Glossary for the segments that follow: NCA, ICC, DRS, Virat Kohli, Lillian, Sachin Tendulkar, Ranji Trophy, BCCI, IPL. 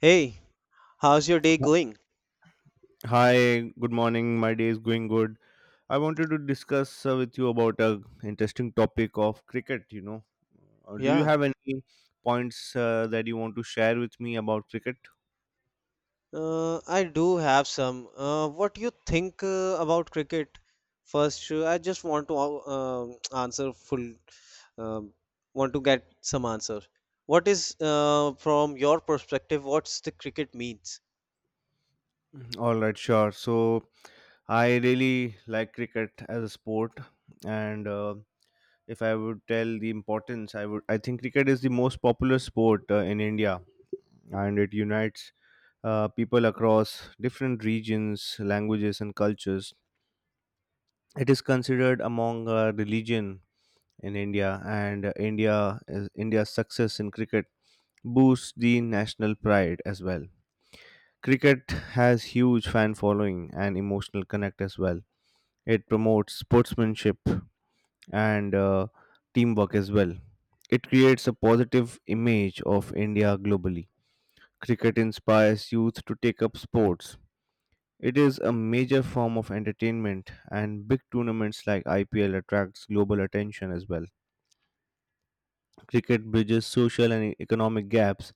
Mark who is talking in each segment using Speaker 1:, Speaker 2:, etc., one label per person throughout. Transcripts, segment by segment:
Speaker 1: Hey, how's your day going?
Speaker 2: Hi, good morning. My day is going good. I wanted to discuss with you about a interesting topic of cricket, you know. Do you
Speaker 1: Yeah,
Speaker 2: have any points that you want to share with me about cricket?
Speaker 1: I do have some. What do you think about cricket? First, I just want to uh, answer full, um, want to get some answer. What is, from your perspective, what's the cricket means?
Speaker 2: Mhm. All right, sure. So, I really like cricket as a sport, and if I would tell the importance, I think cricket is the most popular sport in India, and it unites people across different regions, languages and cultures. It is considered among religion in India, and India is- India's success in cricket boosts the national pride as well. Cricket has huge fan following and emotional connect as well. It promotes sportsmanship and teamwork as well. It creates a positive image of India globally. Cricket inspires youth to take up sports. It is a major form of entertainment, and big tournaments like IPL attracts global attention as well. Cricket bridges social and economic gaps,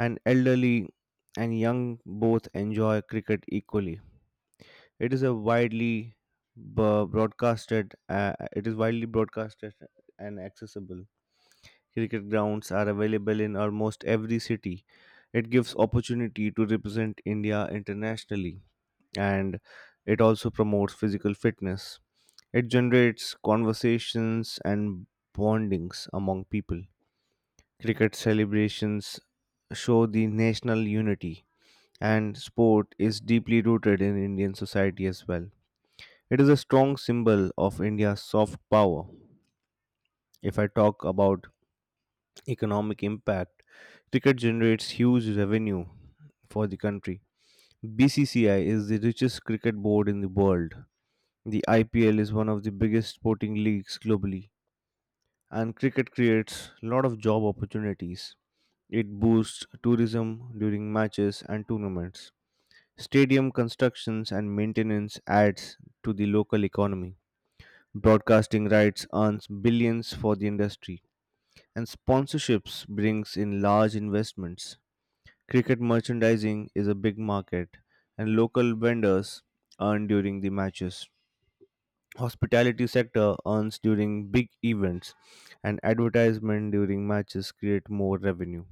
Speaker 2: and elderly and young both enjoy cricket equally. It is a widely b- broadcasted. It is widely broadcasted and accessible. Cricket grounds are available in almost every city. It gives opportunity to represent India internationally, and it also promotes physical fitness. It generates conversations and bondings among people. Cricket celebrations show the national unity, and sport is deeply rooted in Indian society as well. It is a strong symbol of India's soft power. If I talk about economic impact, cricket generates huge revenue for the country. BCCI is the richest cricket board in the world. The IPL is one of the biggest sporting leagues globally, and cricket creates a lot of job opportunities. It boosts tourism during matches and tournaments. Stadium constructions and maintenance adds to the local economy. Broadcasting rights earns billions for the industry, and sponsorships brings in large investments. Cricket merchandising is a big market, and local vendors earn during the matches. Hospitality sector earns during big events, and advertisement during matches create more revenue.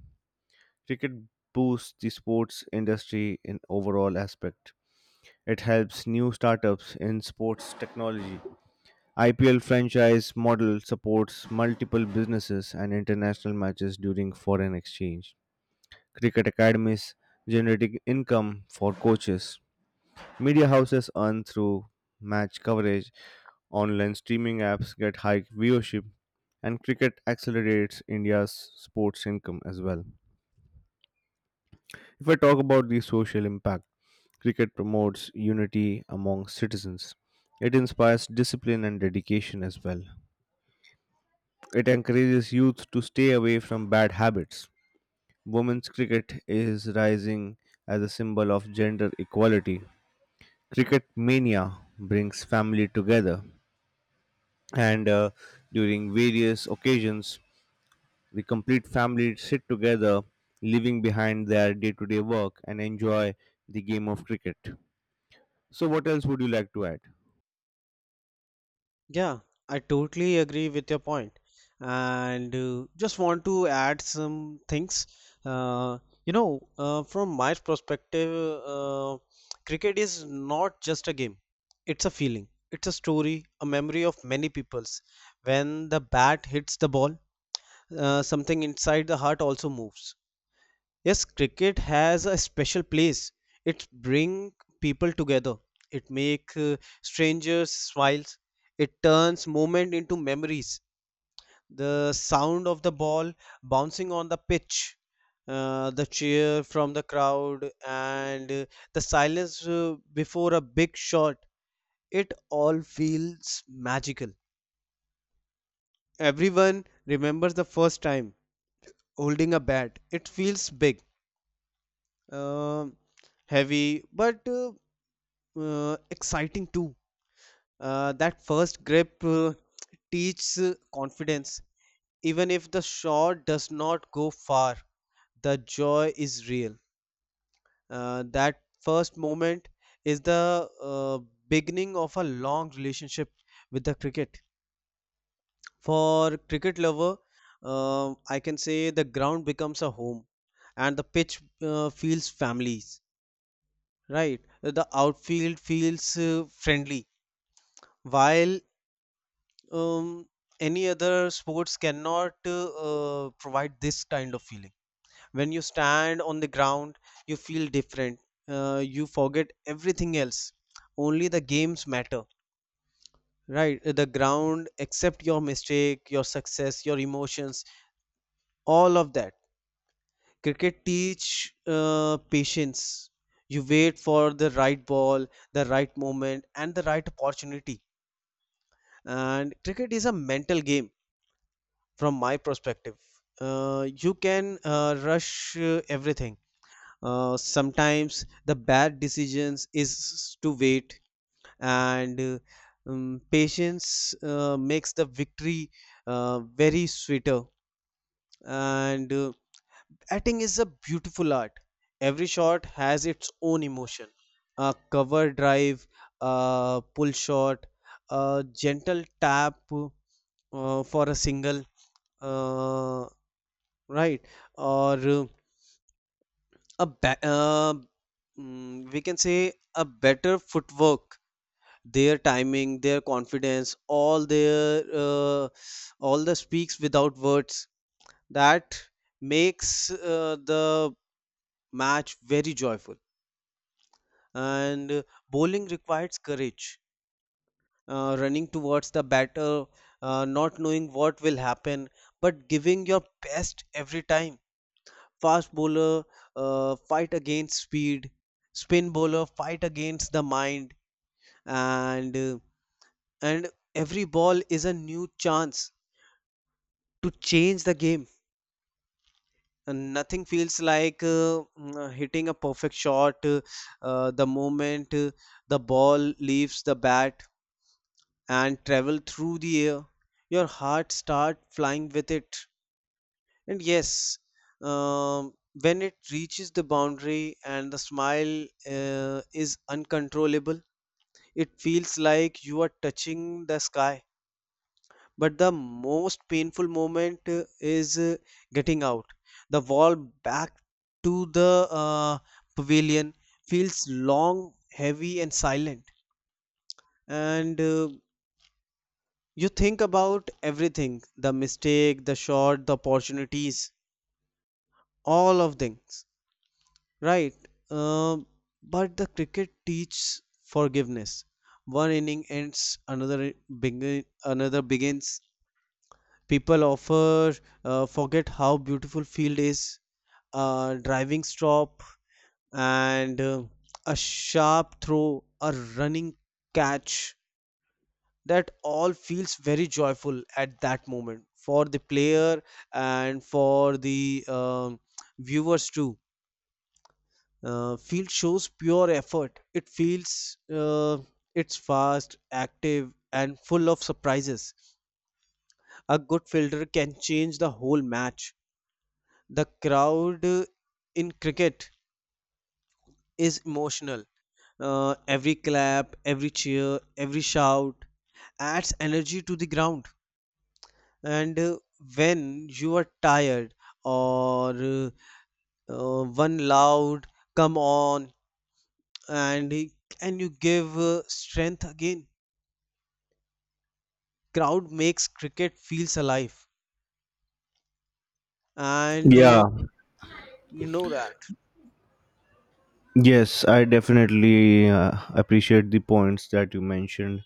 Speaker 2: Cricket boosts the sports industry in overall aspect. It helps new startups in sports technology. IPL franchise model supports multiple businesses and international matches during foreign exchange. Cricket academies generating income for coaches. Media houses earn through match coverage. Online streaming apps get high viewership, and cricket accelerates India's sports income as well. If I talk about the social impact, cricket promotes unity among citizens. It inspires discipline and dedication as well. It encourages youth to stay away from bad habits. Women's cricket is rising as a symbol of gender equality. Cricket mania brings family together, and during various occasions, the complete family sit together, leaving behind their day to day work and enjoy the game of cricket. So, what else would you like to add?
Speaker 1: Yeah, I totally agree with your point, and just want to add some things. Uh, from my perspective, cricket is not just a game; it's a feeling, it's a story, a memory of many peoples. When the bat hits the ball, something inside the heart also moves. Yes, cricket has a special place. It bring people together. It make strangers smiles. It turns moment into memories. The sound of the ball bouncing on the pitch, the cheer from the crowd, and the silence before a big shot. It all feels magical. Everyone remembers the first time holding a bat. It feels big. Um Heavy but exciting too. That first grip teaches confidence. Even if the shot does not go far, the joy is real. That first moment is the beginning of a long relationship with the cricket. For cricket lover, I can say the ground becomes a home, and the pitch feels families. Right, the outfield feels friendly, while um, any other sports cannot provide this kind of feeling. When you stand on the ground, you feel different. You forget everything else. Only the games matter, right? The ground, except your mistake, your success, your emotions, all of that. Cricket teach patience. You wait for the right ball, the right moment, and the right opportunity. And cricket is a mental game from my perspective. Uh, you can rush everything. Uh, sometimes the bad decisions is to wait, and patience makes the victory very sweeter. And Acting is a beautiful art. Every shot has its own emotion: a cover drive, a pull shot, a gentle tap for a single, uh, right, or a ba- uh, we can say a better footwork. Their timing, their confidence, all their all the speaks without words, that makes the match very joyful. And Bowling requires courage, running towards the batter, not knowing what will happen but giving your best every time. Fast bowler fight against speed, spin bowler fight against the mind. And uh, and every ball is a new chance to change the game, and nothing feels like hitting a perfect shot. The moment the ball leaves the bat and travel through the air, your heart start flying with it. And yes, um, when it reaches the boundary and the smile is uncontrollable, it feels like you are touching the sky. But the most painful moment is getting out. The wall back to the pavilion feels long, heavy, and silent. And You think about everything: the mistake, the shot, the opportunities, all of things. Right. Um, but the cricket teaches forgiveness. One inning ends, another begin, another begins. People offer forget how beautiful field is. A driving stop and a sharp throw, a running catch. That all feels very joyful at that moment for the player and for the viewers too. Uh, field shows pure effort. It feels it's fast, active, and full of surprises. A good fielder can change the whole match. The crowd in cricket is emotional. Every clap, every cheer, every shout adds energy to the ground. And when you are tired or one loud come on, and and you give strength again. Crowd makes cricket feels alive, and
Speaker 2: Yeah.
Speaker 1: uh, you know that.
Speaker 2: Yes, I definitely appreciate the points that you mentioned,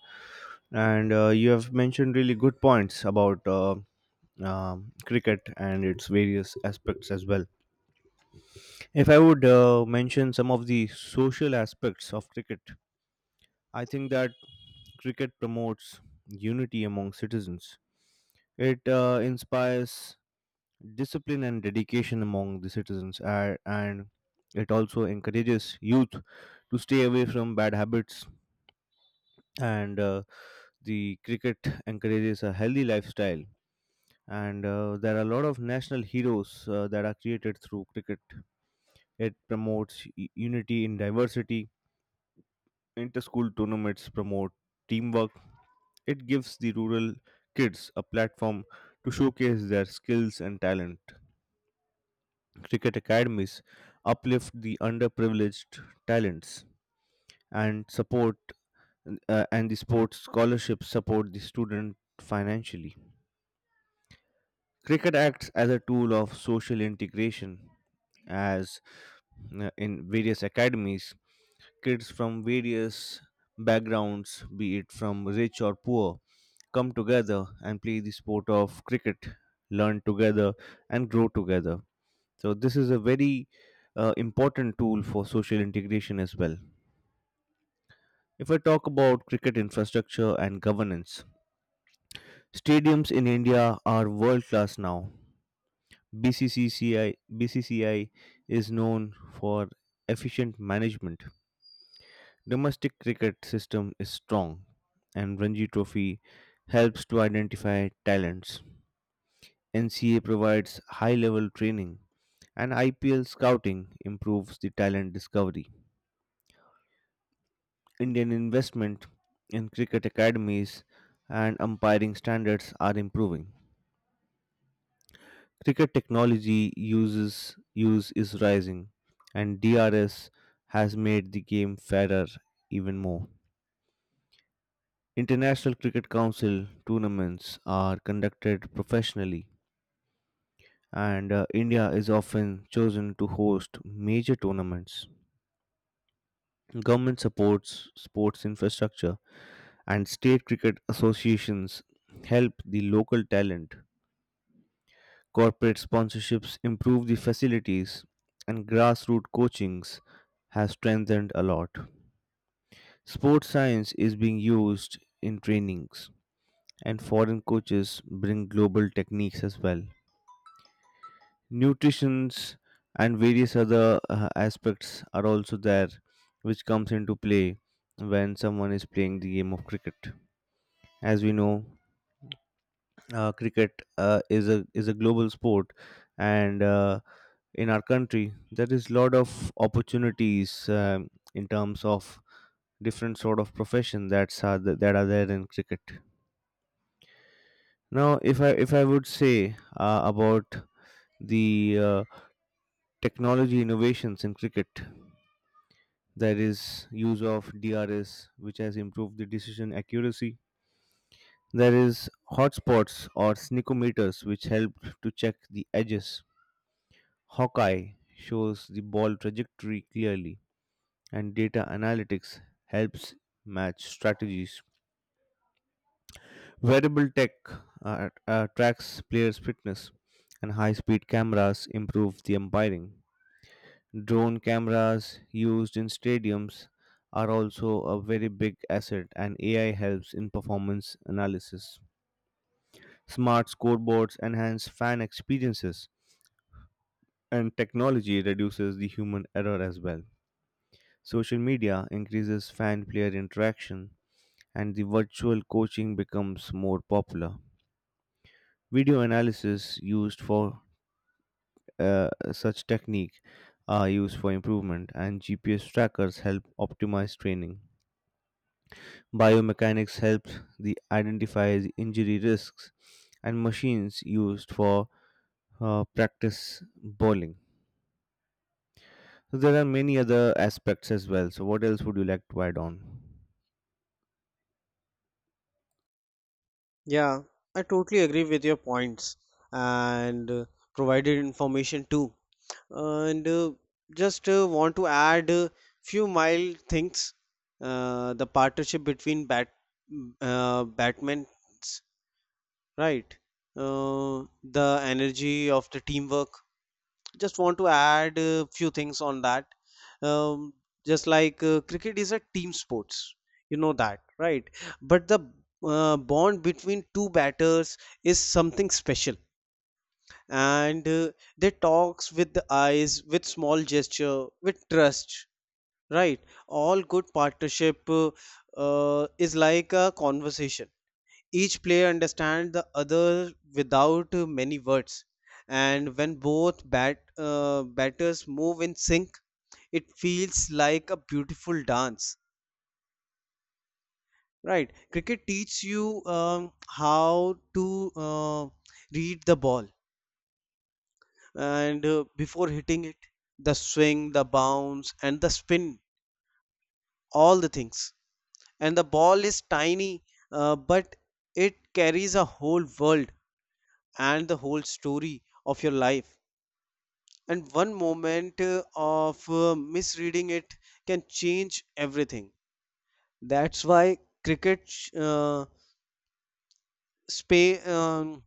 Speaker 2: and you have mentioned really good points about cricket and its various aspects as well. If I would mention some of the social aspects of cricket, I think that cricket promotes unity among citizens. It inspires discipline and dedication among the citizens, and it also encourages youth to stay away from bad habits and. The cricket encourages a healthy lifestyle, and there are a lot of national heroes that are created through cricket. It promotes unity in diversity. Inter-school tournaments promote teamwork. It gives the rural kids a platform to showcase their skills and talent. Cricket academies uplift the underprivileged talents and support and the sports scholarships support the student financially. Cricket acts as a tool of social integration, as in various academies, kids from various backgrounds, be it from rich or poor, come together and play the sport of cricket, learn together, and grow together. So, this is a very important tool for social integration as well. If I talk about cricket infrastructure and governance, stadiums in India are world class now. BCCI is known for efficient management. Domestic cricket system is strong, and Ranji Trophy helps to identify talents. NCA provides high level training, and IPL scouting improves the talent discovery. Indian investment in cricket academies and umpiring standards are improving. Cricket technology uses use is rising, and DRS has made the game fairer even more. International Cricket Council tournaments are conducted professionally, and India is often chosen to host major tournaments. Government supports sports infrastructure, and state cricket associations help the local talent. Corporate sponsorships improve the facilities, and grassroots coachings has strengthened a lot. Sports science is being used in trainings, and foreign coaches bring global techniques as well. Nutritions and various other aspects are also there, which comes into play when someone is playing the game of cricket. As we know, cricket is a global sport, and in our country there is lot of opportunities, in terms of different sort of profession that are there in cricket. Now, if I would say about the technology innovations in cricket, there is use of DRS, which has improved the decision accuracy. There is hotspots or sneakometers which help to check the edges. Hawkeye shows the ball trajectory clearly, and data analytics helps match strategies. Wearable tech tracks players' fitness, and high speed cameras improve the umpiring. Drone cameras used in stadiums are also a very big asset, and AI helps in performance analysis. Smart scoreboards enhance fan experiences, and technology reduces the human error as well. Social media increases fan player interaction, and the virtual coaching becomes more popular. Video analysis used for such technique are used for improvement, and GPS trackers help optimize training. Biomechanics helps the identify the injury risks, and machines used for practice bowling. So there are many other aspects as well. So what else would you like to add on?
Speaker 1: Yeah, I totally agree with your points, and provided information too, and just want to add a few mild things. The partnership between batmans, right, uh, the energy of the teamwork, just want to add a few things on that. um, just like cricket is a team sports, you know that, right? But the bond between two batters is something special, and they talks with the eyes, with small gesture, with trust, right? All good partnership is like a conversation. Each player understands the other without many words, and when both batters move in sync, it feels like a beautiful dance, right? Cricket teaches you how to read the ball, and before hitting it, the swing, the bounce, and the spin, all the things. And the ball is tiny, but it carries a whole world and the whole story of your life. And one moment of misreading it can change everything. That's why cricket uh, space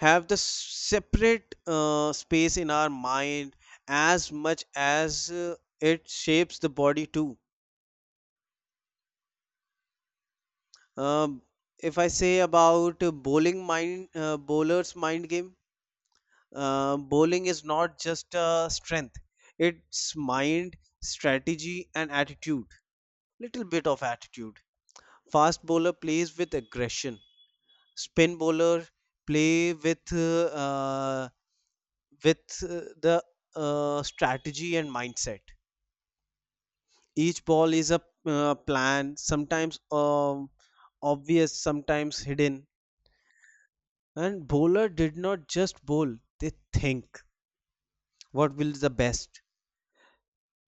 Speaker 1: have the separate space in our mind as much as it shapes the body too. um, if I say about bowling mind bowler's mind game, bowling is not just strength, it's mind, strategy, and attitude, little bit of attitude. Fast bowler plays with aggression. Spin bowler play with the strategy and mindset. Each ball is a plan, sometimes obvious, sometimes hidden. And bowler did not just bowl; they think what will the best.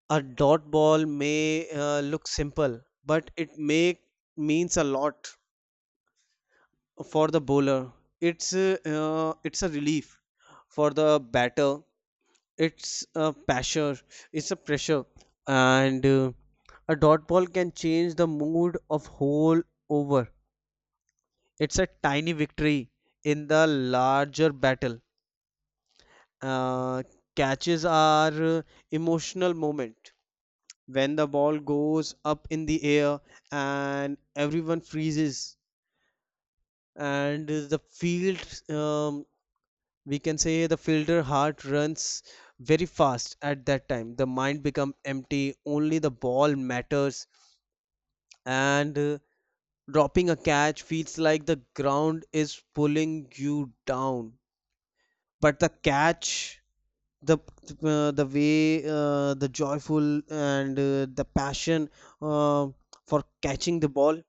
Speaker 1: A dot ball may look simple, but it may means a lot for the bowler. It's a relief for the batter, it's a pressure it's a pressure, and a dot ball can change the mood of whole over. It's a tiny victory in the larger battle. uh, Catches are emotional moment. When the ball goes up in the air and everyone freezes, and the field, we can say the fielder heart runs very fast at that time, the mind becomes empty, only the ball matters. And Dropping a catch feels like the ground is pulling you down. But the catch, the the way, the joyful, and the passion uh, for catching the ball,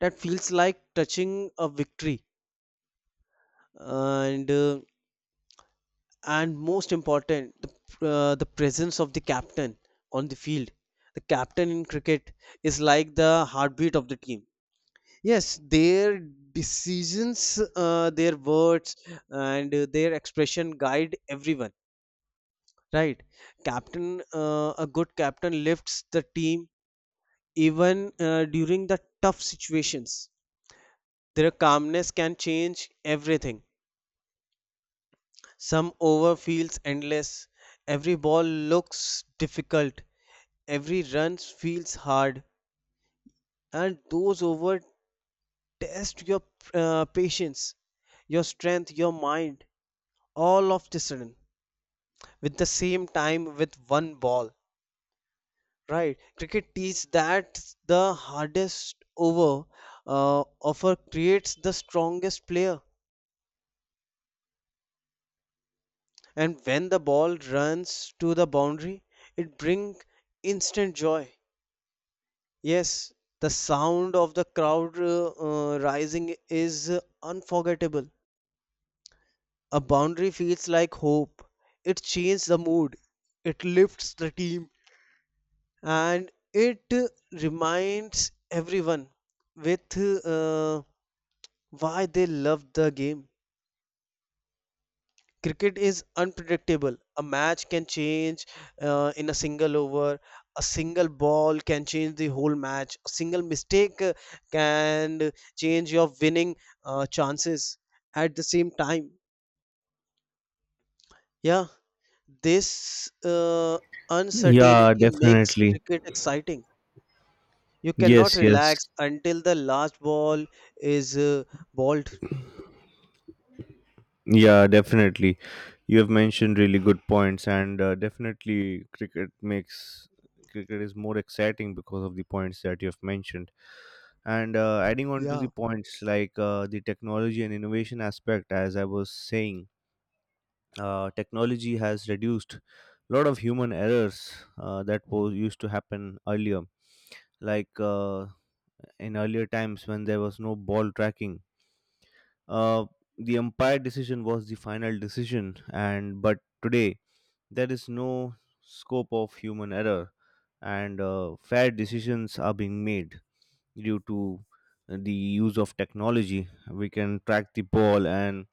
Speaker 1: that feels like touching a victory. And uh, and most important, the presence of the captain on the field. The captain in cricket is like the heartbeat of the team. Yes, their decisions, their words, and their expression guide everyone, right? captain A good captain lifts the team even during the tough situations. Their calmness can change everything. Some over feels endless, every ball looks difficult, every run feels hard, and those over test your patience, your strength, your mind, all of the sudden, with the same time with one ball, right? Cricket teaches that the hardest over offer creates the strongest player, and when the ball runs to the boundary, it brings instant joy. Yes, the sound of the crowd rising is unforgettable. A boundary feels like hope. It changes the mood, it lifts the team, and it reminds everyone with why they love the game. Cricket is unpredictable. A match can change in a single over. A single ball can change the whole match. A single mistake can change your winning chances at the same time. Yeah, this uncertainty
Speaker 2: Yeah,
Speaker 1: makes
Speaker 2: definitely.
Speaker 1: cricket exciting. You cannot
Speaker 2: Yes,
Speaker 1: relax
Speaker 2: yes.
Speaker 1: until the last ball is balled.
Speaker 2: Yeah, definitely. You have mentioned really good points, and definitely cricket makes cricket is more exciting because of the points that you have mentioned. And adding on to
Speaker 1: Yeah.
Speaker 2: the points like the technology and innovation aspect, as I was saying, technology has reduced a lot of human errors that was used to happen earlier. Like, in earlier times when there was no ball tracking, uh, the umpire decision was the final decision, and but today there is no scope of human error, and fair decisions are being made due to the use of technology. We can track the ball and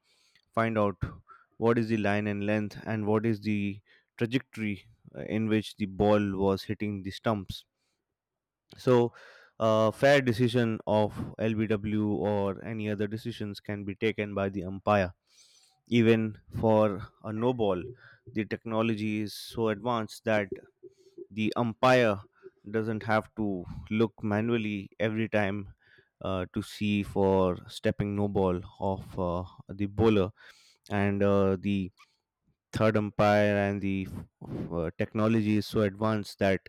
Speaker 2: find out what is the line and length, and what is the trajectory in which the ball was hitting the stumps. So a fair decision of LBW or any other decisions can be taken by the umpire. Even for a no ball, the technology is so advanced that the umpire doesn't have to look manually every time to see for stepping no ball of the bowler. And the third umpire and the technology is so advanced that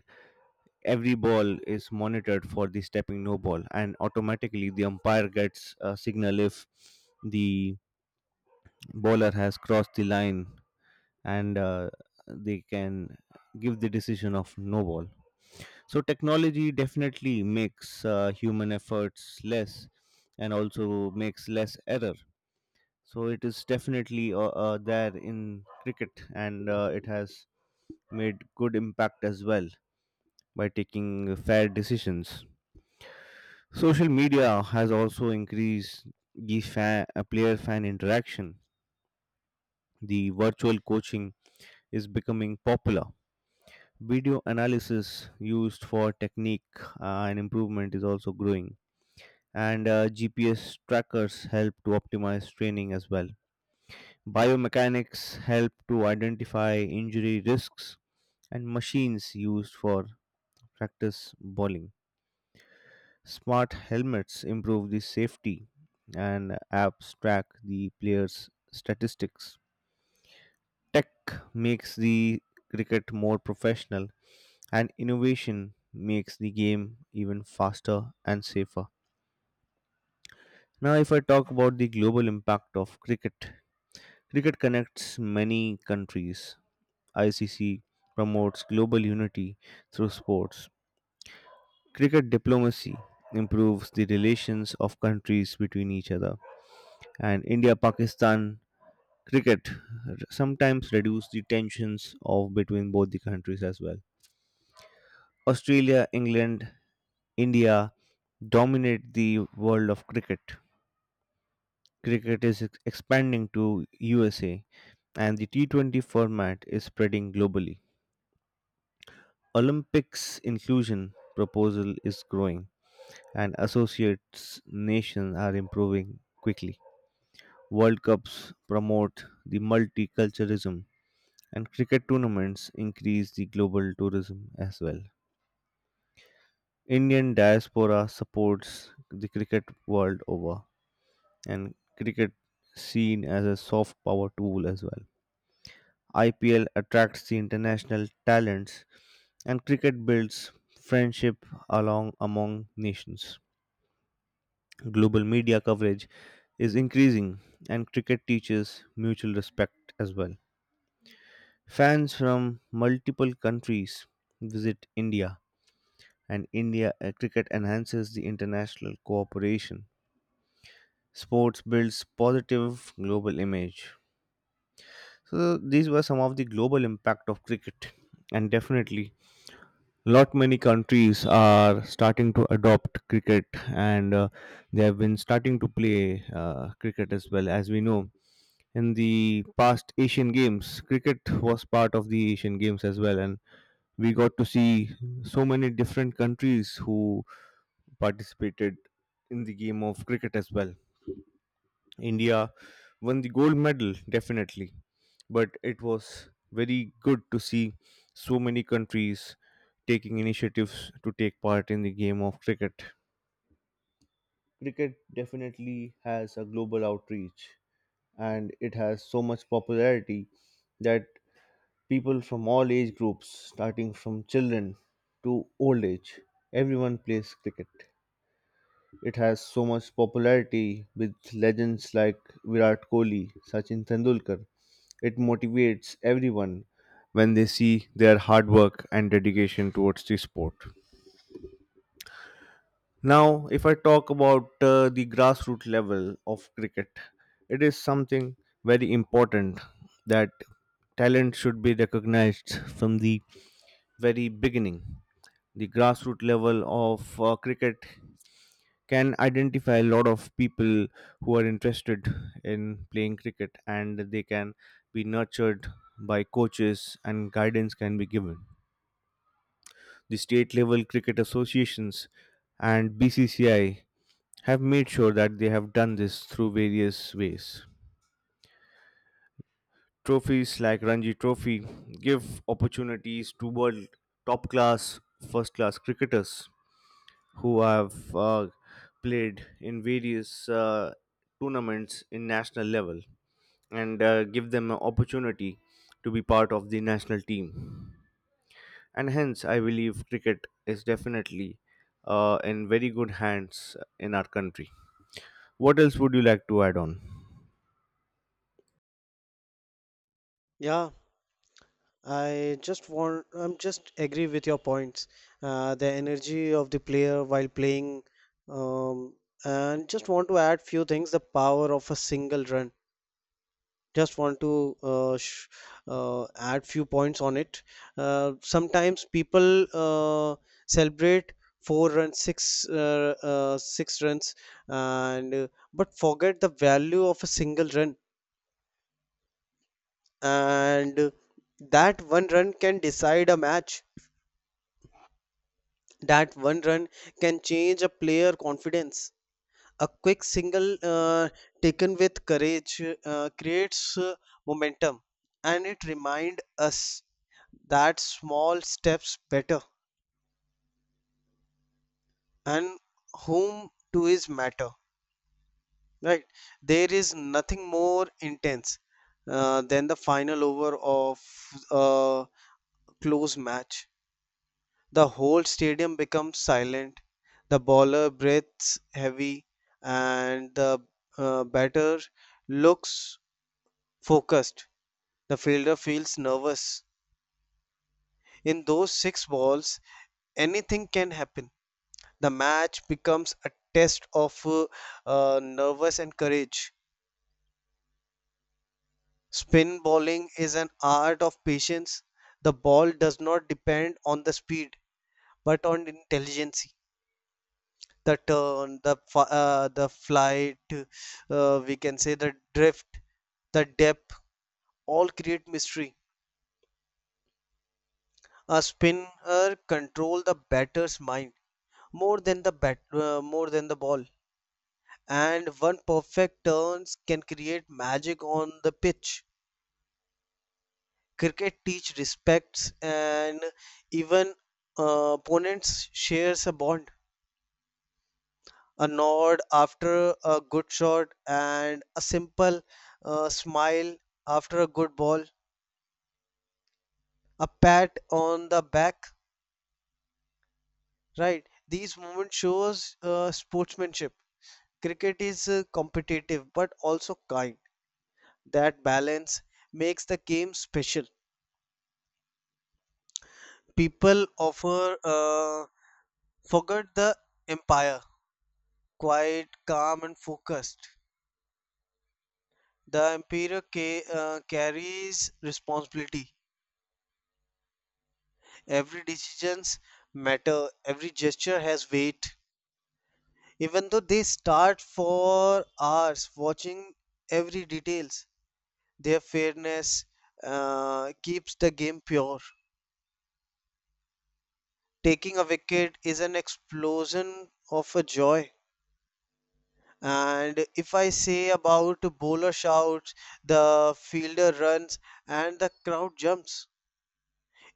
Speaker 2: every ball is monitored for the stepping no ball, and automatically the umpire gets a signal if the bowler has crossed the line, and they can give the decision of no ball. So, technology definitely makes human efforts less and also makes less error. So, it is definitely there in cricket, and it has made good impact as well by taking fair decisions. Social media has also increased the player fan interaction. The virtual coaching is becoming popular. Video analysis used for technique and improvement is also growing. And GPS trackers help to optimize training as well. Biomechanics help to identify injury risks, and machines used for practice bowling. Smart helmets improve the safety, and apps track the players' statistics. Tech makes the cricket more professional, and innovation makes the game even faster and safer. Now, if I talk about the global impact of cricket, cricket connects many countries. ICC promotes global unity through sports. Cricket diplomacy improves the relations of countries between each other, and India Pakistan cricket sometimes reduce the tensions of between both the countries as well. Australia, England, India dominate the world of cricket. Cricket is expanding to USA, and the T20 format is spreading globally. Olympics inclusion proposal is growing, and associates nations are improving quickly. World Cups promote the multiculturalism, and cricket tournaments increase the global tourism as well. Indian diaspora supports the cricket world over, and cricket seen as a soft power tool as well. IPL attracts the international talents, and cricket builds friendship along among nations. Global media coverage is increasing, and cricket teaches mutual respect as well. Fans from multiple countries visit India, and India cricket enhances the international cooperation. Sports builds positive global image. So these were some of the global impact of cricket, and definitely, lot many countries are starting to adopt cricket, and they have been starting to play cricket as well. As we know, in the past Asian Games, cricket was part of the Asian Games as well, and we got to see so many different countries who participated in the game of cricket as well. India won the gold medal, definitely. But it was very good to see so many countries taking initiatives to take part in the game of cricket. Cricket definitely has a global outreach, and it has so much popularity that people from all age groups, starting from children to old age, everyone plays cricket. It has so much popularity with legends like Virat Kohli, Sachin Tendulkar. It motivates everyone when they see their hard work and dedication towards the sport. Now, if I talk about the grassroots level of cricket, it is something very important that talent should be recognized from the very beginning. The grassroots level of cricket can identify a lot of people who are interested in playing cricket, and they can be nurtured by coaches and guidance can be given. The state level cricket associations and BCCI have made sure that they have done this through various ways. Trophies like Ranji Trophy give opportunities to world top class, first class cricketers who have played in various tournaments in national level, and give them an opportunity to be part of the national team. And hence, I believe cricket is definitely in very good hands in our country. What else would you like to add on?
Speaker 1: Yeah, I'm just agree with your points. The energy of the player while playing, um, and just want to add few things. The power of a single run. Just want to add few points on it. Sometimes people uh, celebrate four runs, six runs, and but forget the value of a single run, and that one run can decide a match, that one run can change a player confidence. A quick single taken with courage creates momentum, and it reminds us that small steps better and whom to his matter, right? There is nothing more intense than the final over of a close match. The whole stadium becomes silent, the bowler breathes heavy, and the batter looks focused, the fielder feels nervous. In those six balls, anything can happen. The match becomes a test of nervous and courage. Spin bowling is an art of patience. The ball does not depend on the speed, but on intelligence. The turn, the flight, we can say the drift, the depth, all create mystery. A spinner control the batter's mind more than the bat, more than the ball, and one perfect turns can create magic on the pitch. Cricket teach respects, and even opponents shares a bond. A nod after a good shot, and a simple smile after a good ball, a pat on the back, right? These moments shows sportsmanship. Cricket is competitive but also kind. That balance makes the game special. People offer forget the empire quiet, calm, and focused. The emperor carries responsibility. Every decisions matter. Every gesture has weight. Even though they start for hours watching every details, their fairness keeps the game pure. Taking a wicket is an explosion of a joy. And if I say about bowler shouts, the fielder runs, and the crowd jumps.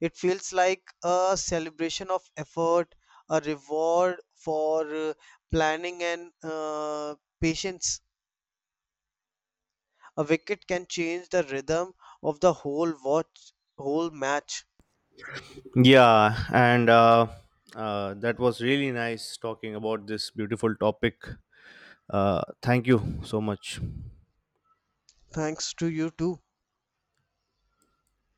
Speaker 1: It feels like a celebration of effort, a reward for planning and patience. A wicket can change the rhythm of the whole match.
Speaker 2: Yeah, and that was really nice talking about this beautiful topic. Thank you so much.
Speaker 1: Thanks to you too.